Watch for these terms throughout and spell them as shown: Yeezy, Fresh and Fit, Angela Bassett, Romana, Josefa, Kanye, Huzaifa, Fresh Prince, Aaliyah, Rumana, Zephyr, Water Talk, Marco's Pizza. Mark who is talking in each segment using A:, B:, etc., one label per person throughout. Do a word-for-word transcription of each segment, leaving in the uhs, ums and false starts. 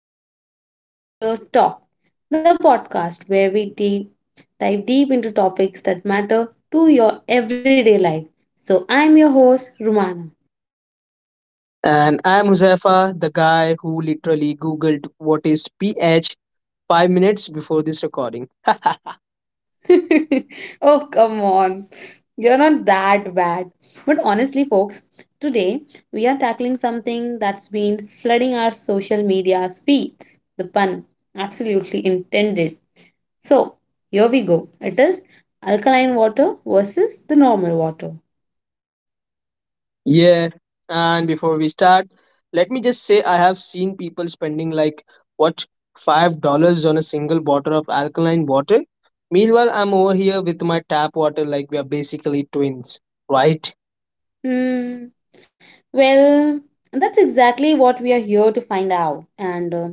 A: back to the Water Talk, the podcast where we deep, dive deep into topics that matter to your everyday life. So, I'm your host, Rumana.
B: And I'm Huzaifa, the guy who literally Googled what is pH five minutes before this recording.
A: Oh, come on, you're not that bad. But honestly, folks, today we are tackling something that's been flooding our social media feeds. The pun, absolutely intended. So here we go. It is alkaline water versus the normal water.
B: Yeah. And before we start, let me just say I have seen people spending like, what, five dollars on a single bottle of alkaline water? Meanwhile, I'm over here with my tap water like we are basically twins, right?
A: Hmm. Well, that's exactly what we are here to find out. And uh,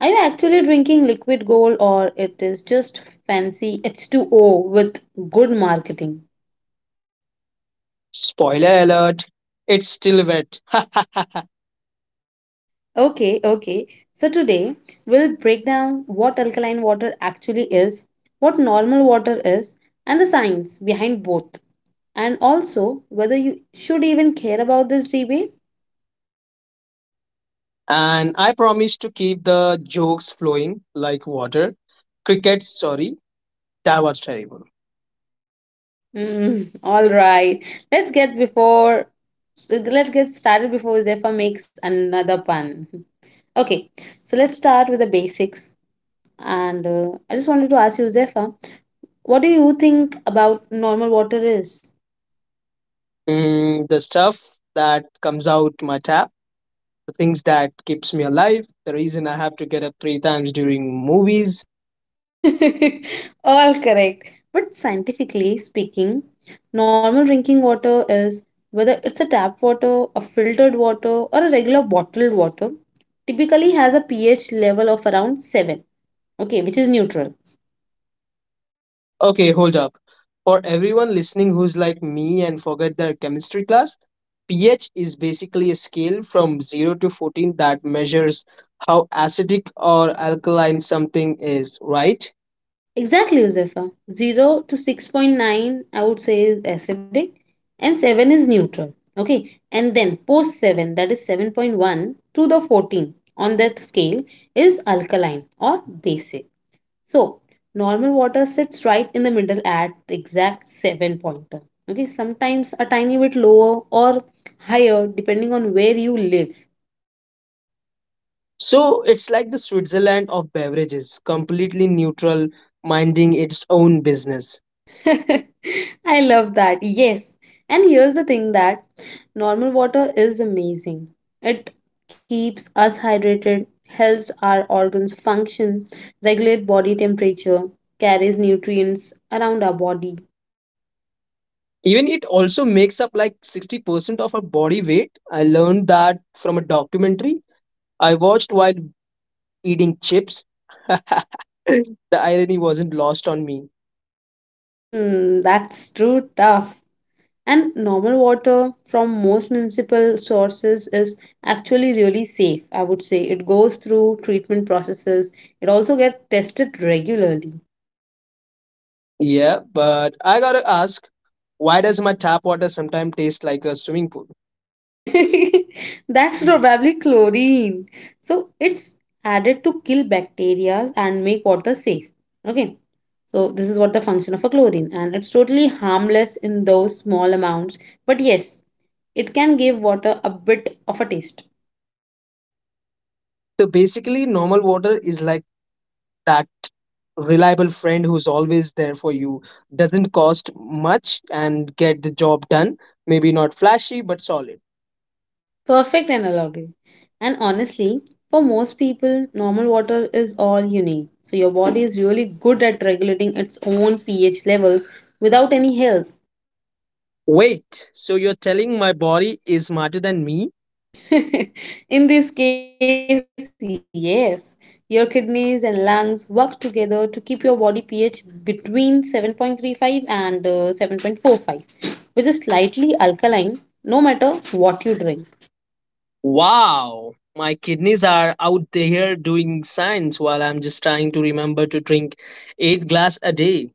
A: are you actually drinking liquid gold or it is just fancy H two O with good marketing?
B: Spoiler alert, it's still wet.
A: Okay, okay. So today we'll break down what alkaline water actually is, what normal water is, and the science behind both. And also whether you should even care about this debate.
B: And I promise to keep the jokes flowing like water. Cricket, sorry. That was terrible.
A: Mm, all right. Let's get before So let's get started before Zephyr makes another pun. Okay. So let's start with the basics. And uh, I just wanted to ask you, Zephyr, what do you think about normal water is?
B: Mm, the stuff that comes out my tap, the things that keeps me alive, the reason I have to get up three times during movies.
A: All correct. But scientifically speaking, normal drinking water, is whether it's a tap water, a filtered water, or a regular bottled water, typically has a pH level of around seven, okay, which is neutral.
B: Okay, hold up. For everyone listening who's like me and forget their chemistry class, pH is basically a scale from zero to fourteen that measures how acidic or alkaline something is, right?
A: Exactly, Josefa. zero to six point nine, I would say, is acidic, and seven is neutral. Okay, and then post seven, that is seven point one to the fourteen on that scale is alkaline or basic. So, normal water sits right in the middle at the exact seven pointer. Okay, sometimes a tiny bit lower or higher depending on where you live.
B: So it's like the Switzerland of beverages, completely neutral, minding its own business.
A: I love that. Yes. And here's the thing, that normal water is amazing. It keeps us hydrated, helps our organs function, regulate body temperature, carries nutrients around our body.
B: Even it also makes up like sixty percent of our body weight. I learned that from a documentary I watched while eating chips. The irony wasn't lost on me.
A: Mmm, that's true tough. And normal water from most municipal sources is actually really safe, I would say. It goes through treatment processes. It also gets tested regularly.
B: Yeah, but I gotta ask, why does my tap water sometimes taste like a swimming pool?
A: That's probably chlorine. So it's added to kill bacteria and make water safe. Okay. So this is what the function of a chlorine, and it's totally harmless in those small amounts. But yes, it can give water a bit of a taste.
B: So basically, normal water is like that reliable friend who's always there for you, doesn't cost much and get the job done, maybe not flashy but solid.
A: Perfect analogy. And honestly, for most people, normal water is all you need. So your body is really good at regulating its own pH levels without any help.
B: Wait, so you're telling my body is smarter than me?
A: In this case, yes. Your kidneys and lungs work together to keep your body pH between seven point three five and uh, seven point four five, which is slightly alkaline no matter what you drink.
B: Wow, my kidneys are out there doing science while I'm just trying to remember to drink eight glass a day.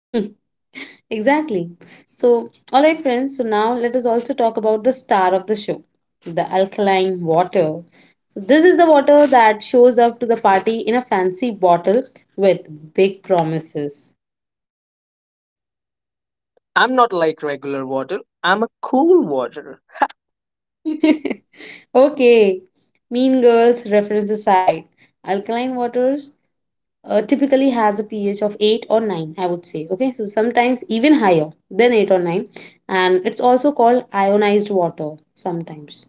A: Exactly. So, all right, friends. So, now let us also talk about the star of the show, the alkaline water. So, this is the water that shows up to the party in a fancy bottle with big promises.
B: I'm not like regular water, I'm a cool water.
A: Okay, Mean Girls reference the side. Alkaline waters uh, typically has a pH of eight or nine, I would say. Okay, so sometimes even higher than eight or nine. And it's also called ionized water sometimes.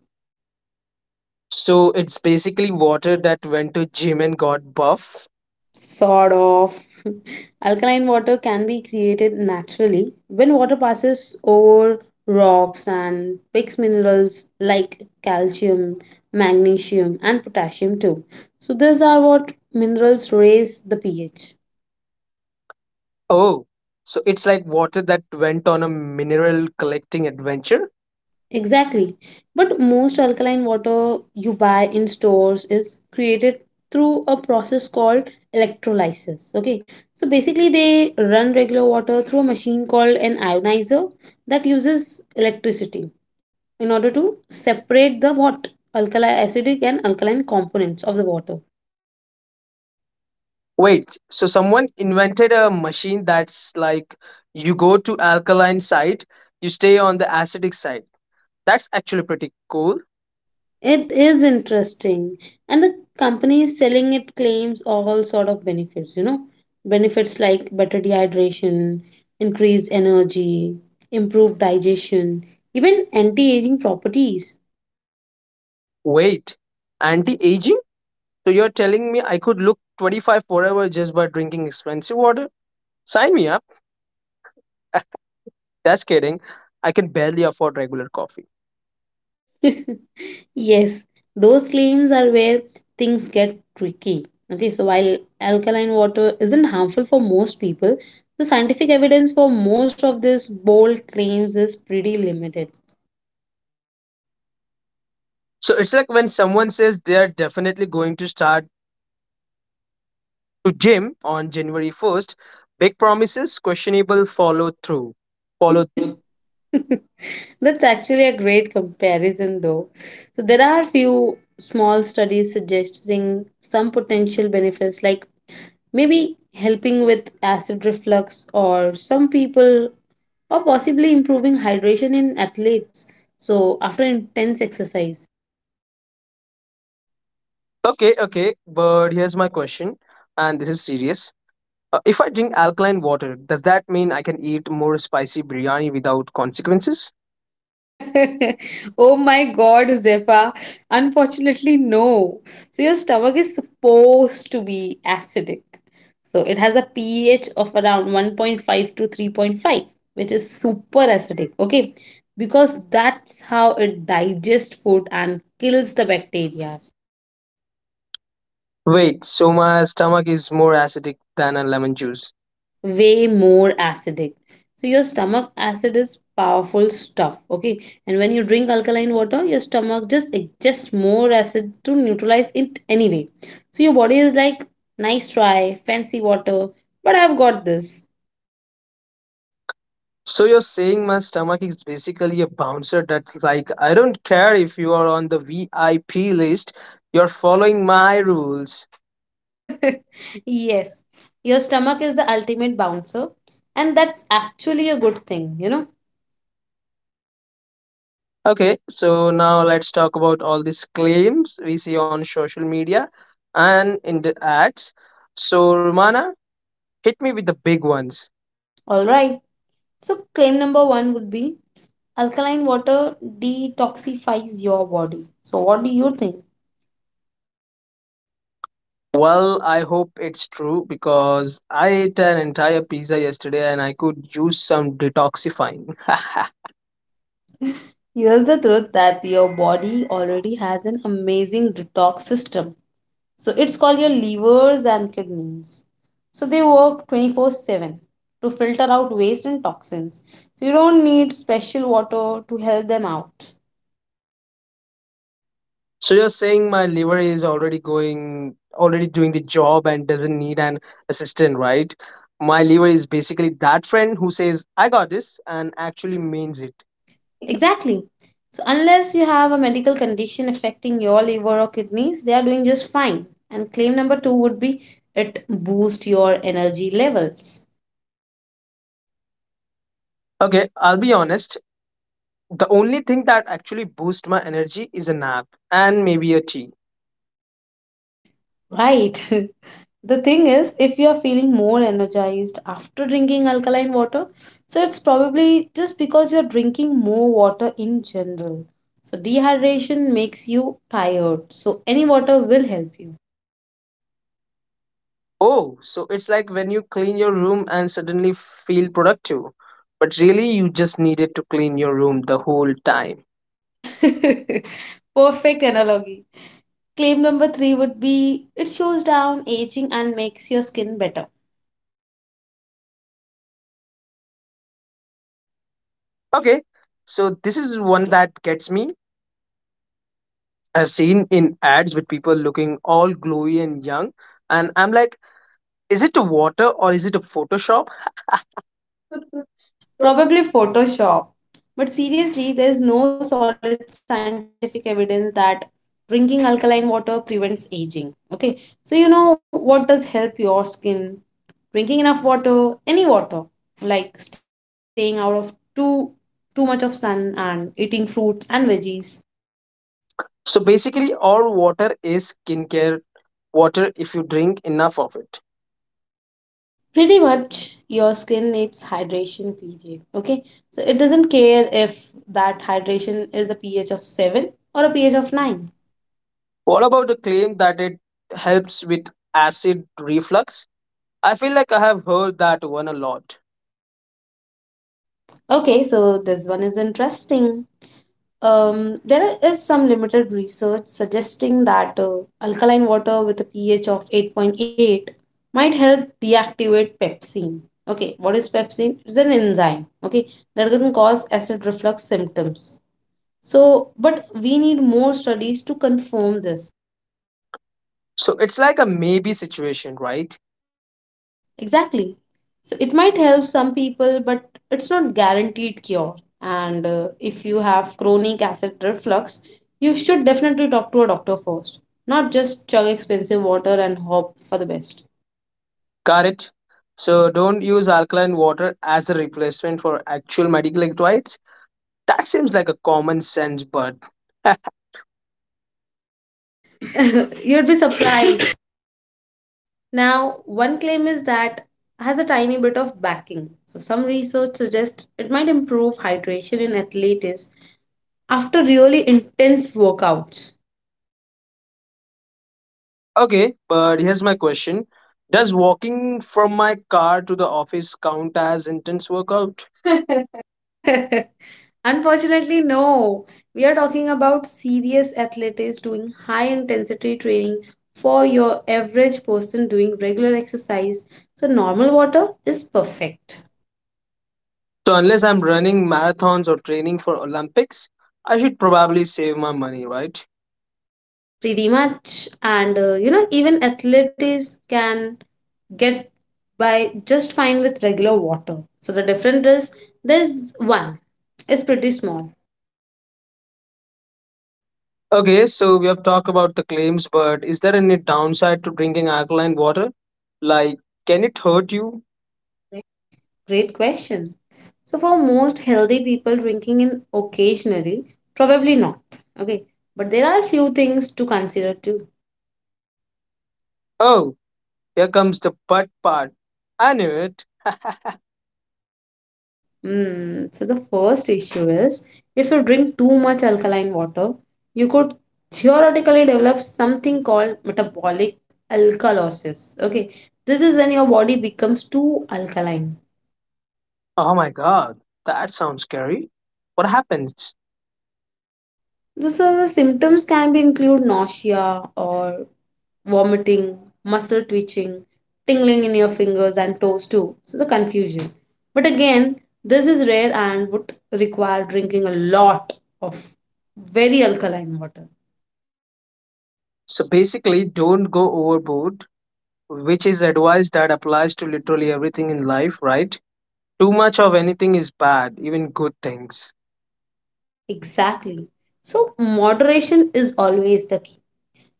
B: So it's basically water that went to gym and got buff.
A: Sort of. Alkaline water can be created naturally when water passes over rocks and picks minerals like calcium, magnesium, and potassium too. So these are what minerals raise the pH.
B: Oh, so it's like water that went on a mineral collecting adventure.
A: Exactly. But most alkaline water you buy in stores is created through a process called electrolysis. Okay. So basically, they run regular water through a machine called an ionizer that uses electricity in order to separate the what alkali acidic and alkaline components of the water.
B: Wait, so someone invented a machine that's like you go to alkaline side, you stay on the acidic side. That's actually pretty cool.
A: It is interesting. And the company selling it claims all sort of benefits, you know, benefits like better dehydration, increased energy, improved digestion, even anti-aging properties.
B: Wait, anti-aging? So you're telling me I could look twenty-five forever just by drinking expensive water? Sign me up. Just kidding. I can barely afford regular coffee.
A: Yes, those claims are where things get tricky. Okay, so while alkaline water isn't harmful for most people, the scientific evidence for most of these bold claims is pretty limited.
B: So it's like when someone says they're definitely going to start to gym on January first, big promises, questionable follow through. Follow
A: For the- That's actually a great comparison, though. So there are few small studies suggesting some potential benefits, like maybe helping with acid reflux, or some people, or possibly improving hydration in athletes. So after intense exercise.
B: okay, okay, but here's my question, and this is serious. Uh, if I drink alkaline water, does that mean I can eat more spicy biryani without consequences?
A: Oh my god, Zephyr. Unfortunately, no. So, your stomach is supposed to be acidic. So, it has a pH of around one point five to three point five, which is super acidic. Okay. Because that's how it digests food and kills the bacteria.
B: Wait, so my stomach is more acidic than a lemon juice.
A: Way more acidic. So your stomach acid is powerful stuff, okay? And when you drink alkaline water, your stomach just adjusts more acid to neutralize it anyway. So your body is like, nice try, fancy water, but I've got this.
B: So you're saying my stomach is basically a bouncer that's like, I don't care if you are on the V I P list, you're following my rules.
A: Yes, your stomach is the ultimate bouncer, and that's actually a good thing, you know?
B: Okay, so now let's talk about all these claims we see on social media and in the ads. So, Romana, hit me with the big ones.
A: Alright, so claim number one would be alkaline water detoxifies your body. So, what do you think?
B: Well, I hope it's true because I ate an entire pizza yesterday and I could use some detoxifying.
A: Here's the truth, that your body already has an amazing detox system. So it's called your livers and kidneys. So they work twenty-four seven to filter out waste and toxins. So you don't need special water to help them out.
B: So you're saying my liver is already going already doing the job and doesn't need an assistant, right? My liver is basically that friend who says I got this and actually means it.
A: Exactly. So unless you have a medical condition affecting your liver or kidneys, they are doing just fine. And claim number two would be it boosts your energy levels.
B: Okay, I'll be honest. The only thing that actually boosts my energy is a nap and maybe a tea.
A: Right. The thing is, if you are feeling more energized after drinking alkaline water, so it's probably just because you're drinking more water in general. So, dehydration makes you tired, so any water will help you.
B: Oh, so it's like when you clean your room and suddenly feel productive, but really you just needed to clean your room the whole time.
A: Perfect analogy. Claim number three would be it shows down aging and makes your skin better.
B: Okay, so this is one that gets me. I've seen in ads with people looking all glowy and young, and I'm like, is it a water or is it a Photoshop?
A: Probably Photoshop. But seriously, there is no solid scientific evidence that drinking alkaline water prevents aging. Okay, so you know what does help your skin? Drinking enough water, any water, like staying out of too too much of sun and eating fruits and veggies.
B: So basically, all water is skincare water if you drink enough of it.
A: Pretty much, your skin needs hydration. Period. Okay, so it doesn't care if that hydration is a pH of seven or a pH of nine.
B: What about the claim that it helps with acid reflux? I feel like I have heard that one a lot.
A: Okay, so this one is interesting. Um, there is some limited research suggesting that uh, alkaline water with a pH of eight point eight might help deactivate pepsin. Okay, what is pepsin? It's an enzyme, okay, that can cause acid reflux symptoms. So, but we need more studies to confirm this.
B: So it's like a maybe situation, right?
A: Exactly. So it might help some people, but it's not guaranteed cure. And uh, if you have chronic acid reflux, you should definitely talk to a doctor first, not just chug expensive water and hope for the best.
B: Got it. So don't use alkaline water as a replacement for actual medical electrolytes. That seems like a common sense, but
A: You'd be surprised. Now, one claim is that has a tiny bit of backing. So some research suggests it might improve hydration in athletes after really intense workouts.
B: okay. But here's my question: does walking from my car to the office count as intense workout?
A: Unfortunately, no. We are talking about serious athletes doing high intensity training. For your average person doing regular exercise, So, normal water is perfect,
B: So unless I'm running marathons or training for Olympics, I should probably save my money, right?
A: pretty much. And uh, you know, even athletes can get by just fine with regular water. So, the difference is there's one, it's pretty small.
B: Okay, so we have talked about the claims, but is there any downside to drinking alkaline water? Like, can it hurt you?
A: Great question. So for most healthy people drinking in occasionally, probably not. Okay. But there are few things to consider too.
B: Oh, here comes the butt part. I knew it.
A: Hmm. So the first issue is, if you drink too much alkaline water, you could theoretically develop something called metabolic alkalosis. Okay. This is when your body becomes too alkaline.
B: Oh my god, that sounds scary. What happens?
A: So, so the symptoms can be include nausea or vomiting, muscle twitching, tingling in your fingers and toes too. So the confusion. But again, this is rare and would require drinking a lot of very alkaline water.
B: So basically, don't go overboard, which is advice that applies to literally everything in life, right? Too much of anything is bad, even good things.
A: Exactly. So moderation is always the key.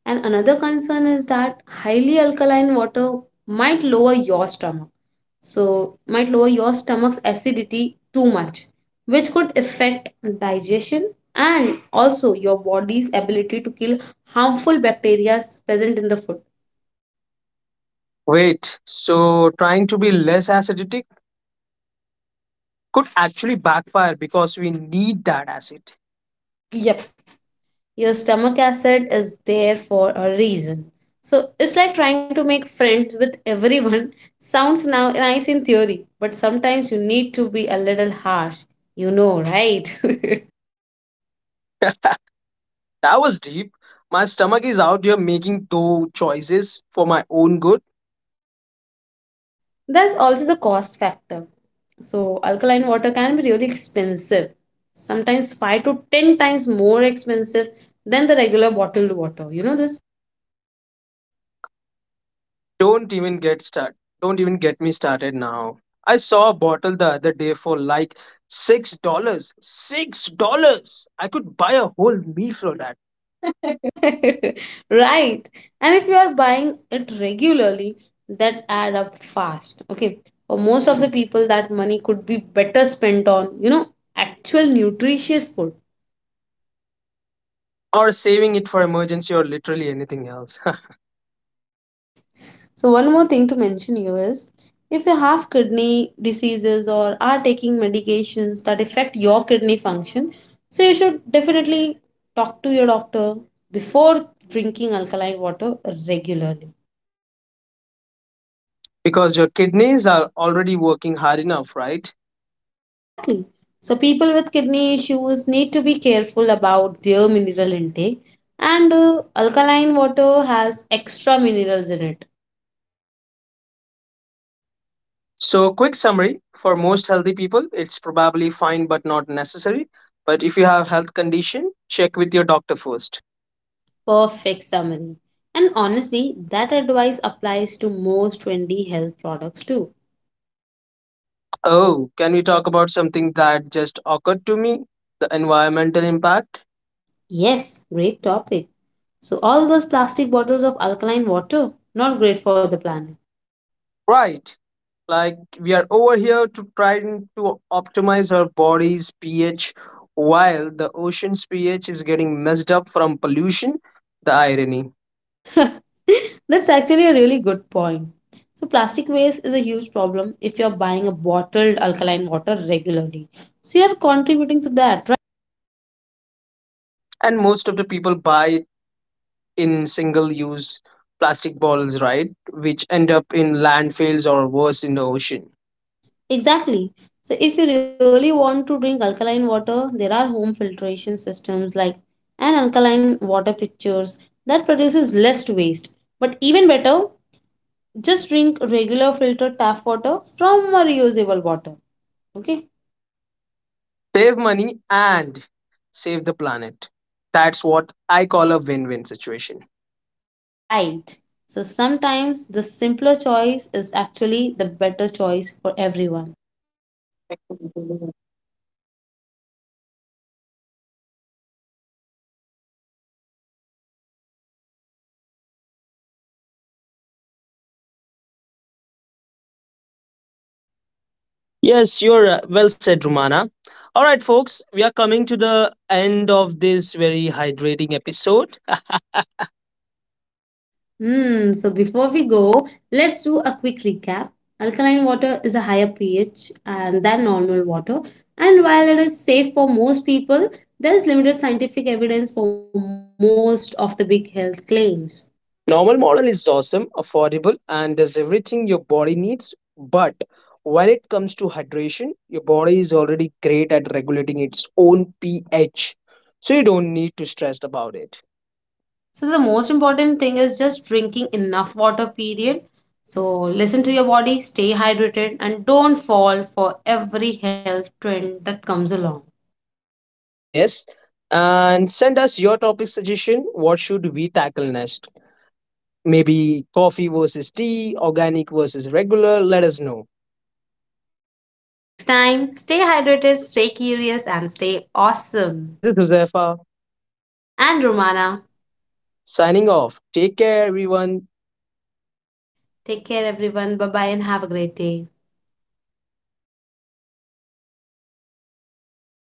A: And another concern is that highly alkaline water might lower your stomach. So, might lower your stomach's acidity too much, which could affect digestion and also your body's ability to kill harmful bacteria present in the food.
B: Wait, so trying to be less acidic could actually backfire because we need that acid.
A: Yep, your stomach acid is there for a reason. So, it's like trying to make friends with everyone. Sounds now nice in theory, but sometimes you need to be a little harsh. You know, right?
B: That was deep. My stomach is out here making two choices for my own good.
A: There's also the cost factor. So, alkaline water can be really expensive, sometimes five to ten times more expensive than the regular bottled water. You know this?
B: Don't even get start. Don't even get me started now. I saw a bottle the other day for like six dollars. Six dollars. I could buy a whole meal for that.
A: Right. And if you are buying it regularly, that add up fast. Okay. For most of the people, that money could be better spent on, you know, actual nutritious food.
B: Or saving it for emergency or literally anything else.
A: So one more thing to mention here is, if you have kidney diseases or are taking medications that affect your kidney function, so you should definitely talk to your doctor before drinking alkaline water regularly.
B: Because your kidneys are already working hard enough, right?
A: Exactly. So people with kidney issues need to be careful about their mineral intake, and uh, alkaline water has extra minerals in it.
B: So, quick summary, for most healthy people, it's probably fine but not necessary. But if you have health condition, check with your doctor first.
A: Perfect summary. And honestly, that advice applies to most trendy health products too.
B: Oh, can we talk about something that just occurred to me? The environmental impact?
A: Yes, great topic. So, all those plastic bottles of alkaline water, not great for the planet.
B: Right. Like, we are over here to trying to optimize our body's pH while the ocean's pH is getting messed up from pollution. The irony.
A: That's actually a really good point. So, plastic waste is a huge problem. If you're buying a bottled alkaline water regularly, so you're contributing to that, right?
B: And most of the people buy it in single use plastic bottles, right? Which end up in landfills or worse in the ocean.
A: Exactly. So, if you really want to drink alkaline water, there are home filtration systems like an alkaline water pitchers that produces less waste. But even better, just drink regular filtered tap water from a reusable bottle. Okay,
B: Save money and save the planet. That's what I call a win win situation.
A: right. So sometimes the simpler choice is actually the better choice for everyone.
B: Yes, you're uh, well said, Romana. All right, folks, we are coming to the end of this very hydrating episode.
A: Hmm, so before we go, let's do a quick recap. Alkaline water is a higher pH and than normal water, and while it is safe for most people, there is limited scientific evidence for most of the big health claims.
B: Normal model is awesome, affordable, and does everything your body needs. But when it comes to hydration, your body is already great at regulating its own pH, so you don't need to stress about it.
A: So the most important thing is just drinking enough water period. So listen to your body, stay hydrated and don't fall for every health trend that comes along.
B: Yes, and send us your topic suggestion. What should we tackle next? Maybe coffee versus tea, organic versus regular. Let us know.
A: Until next time, stay hydrated, stay curious and stay awesome.
B: This is Josefa
A: And Romana,
B: signing off. Take care, everyone.
A: take care everyone. Bye bye and have a great day.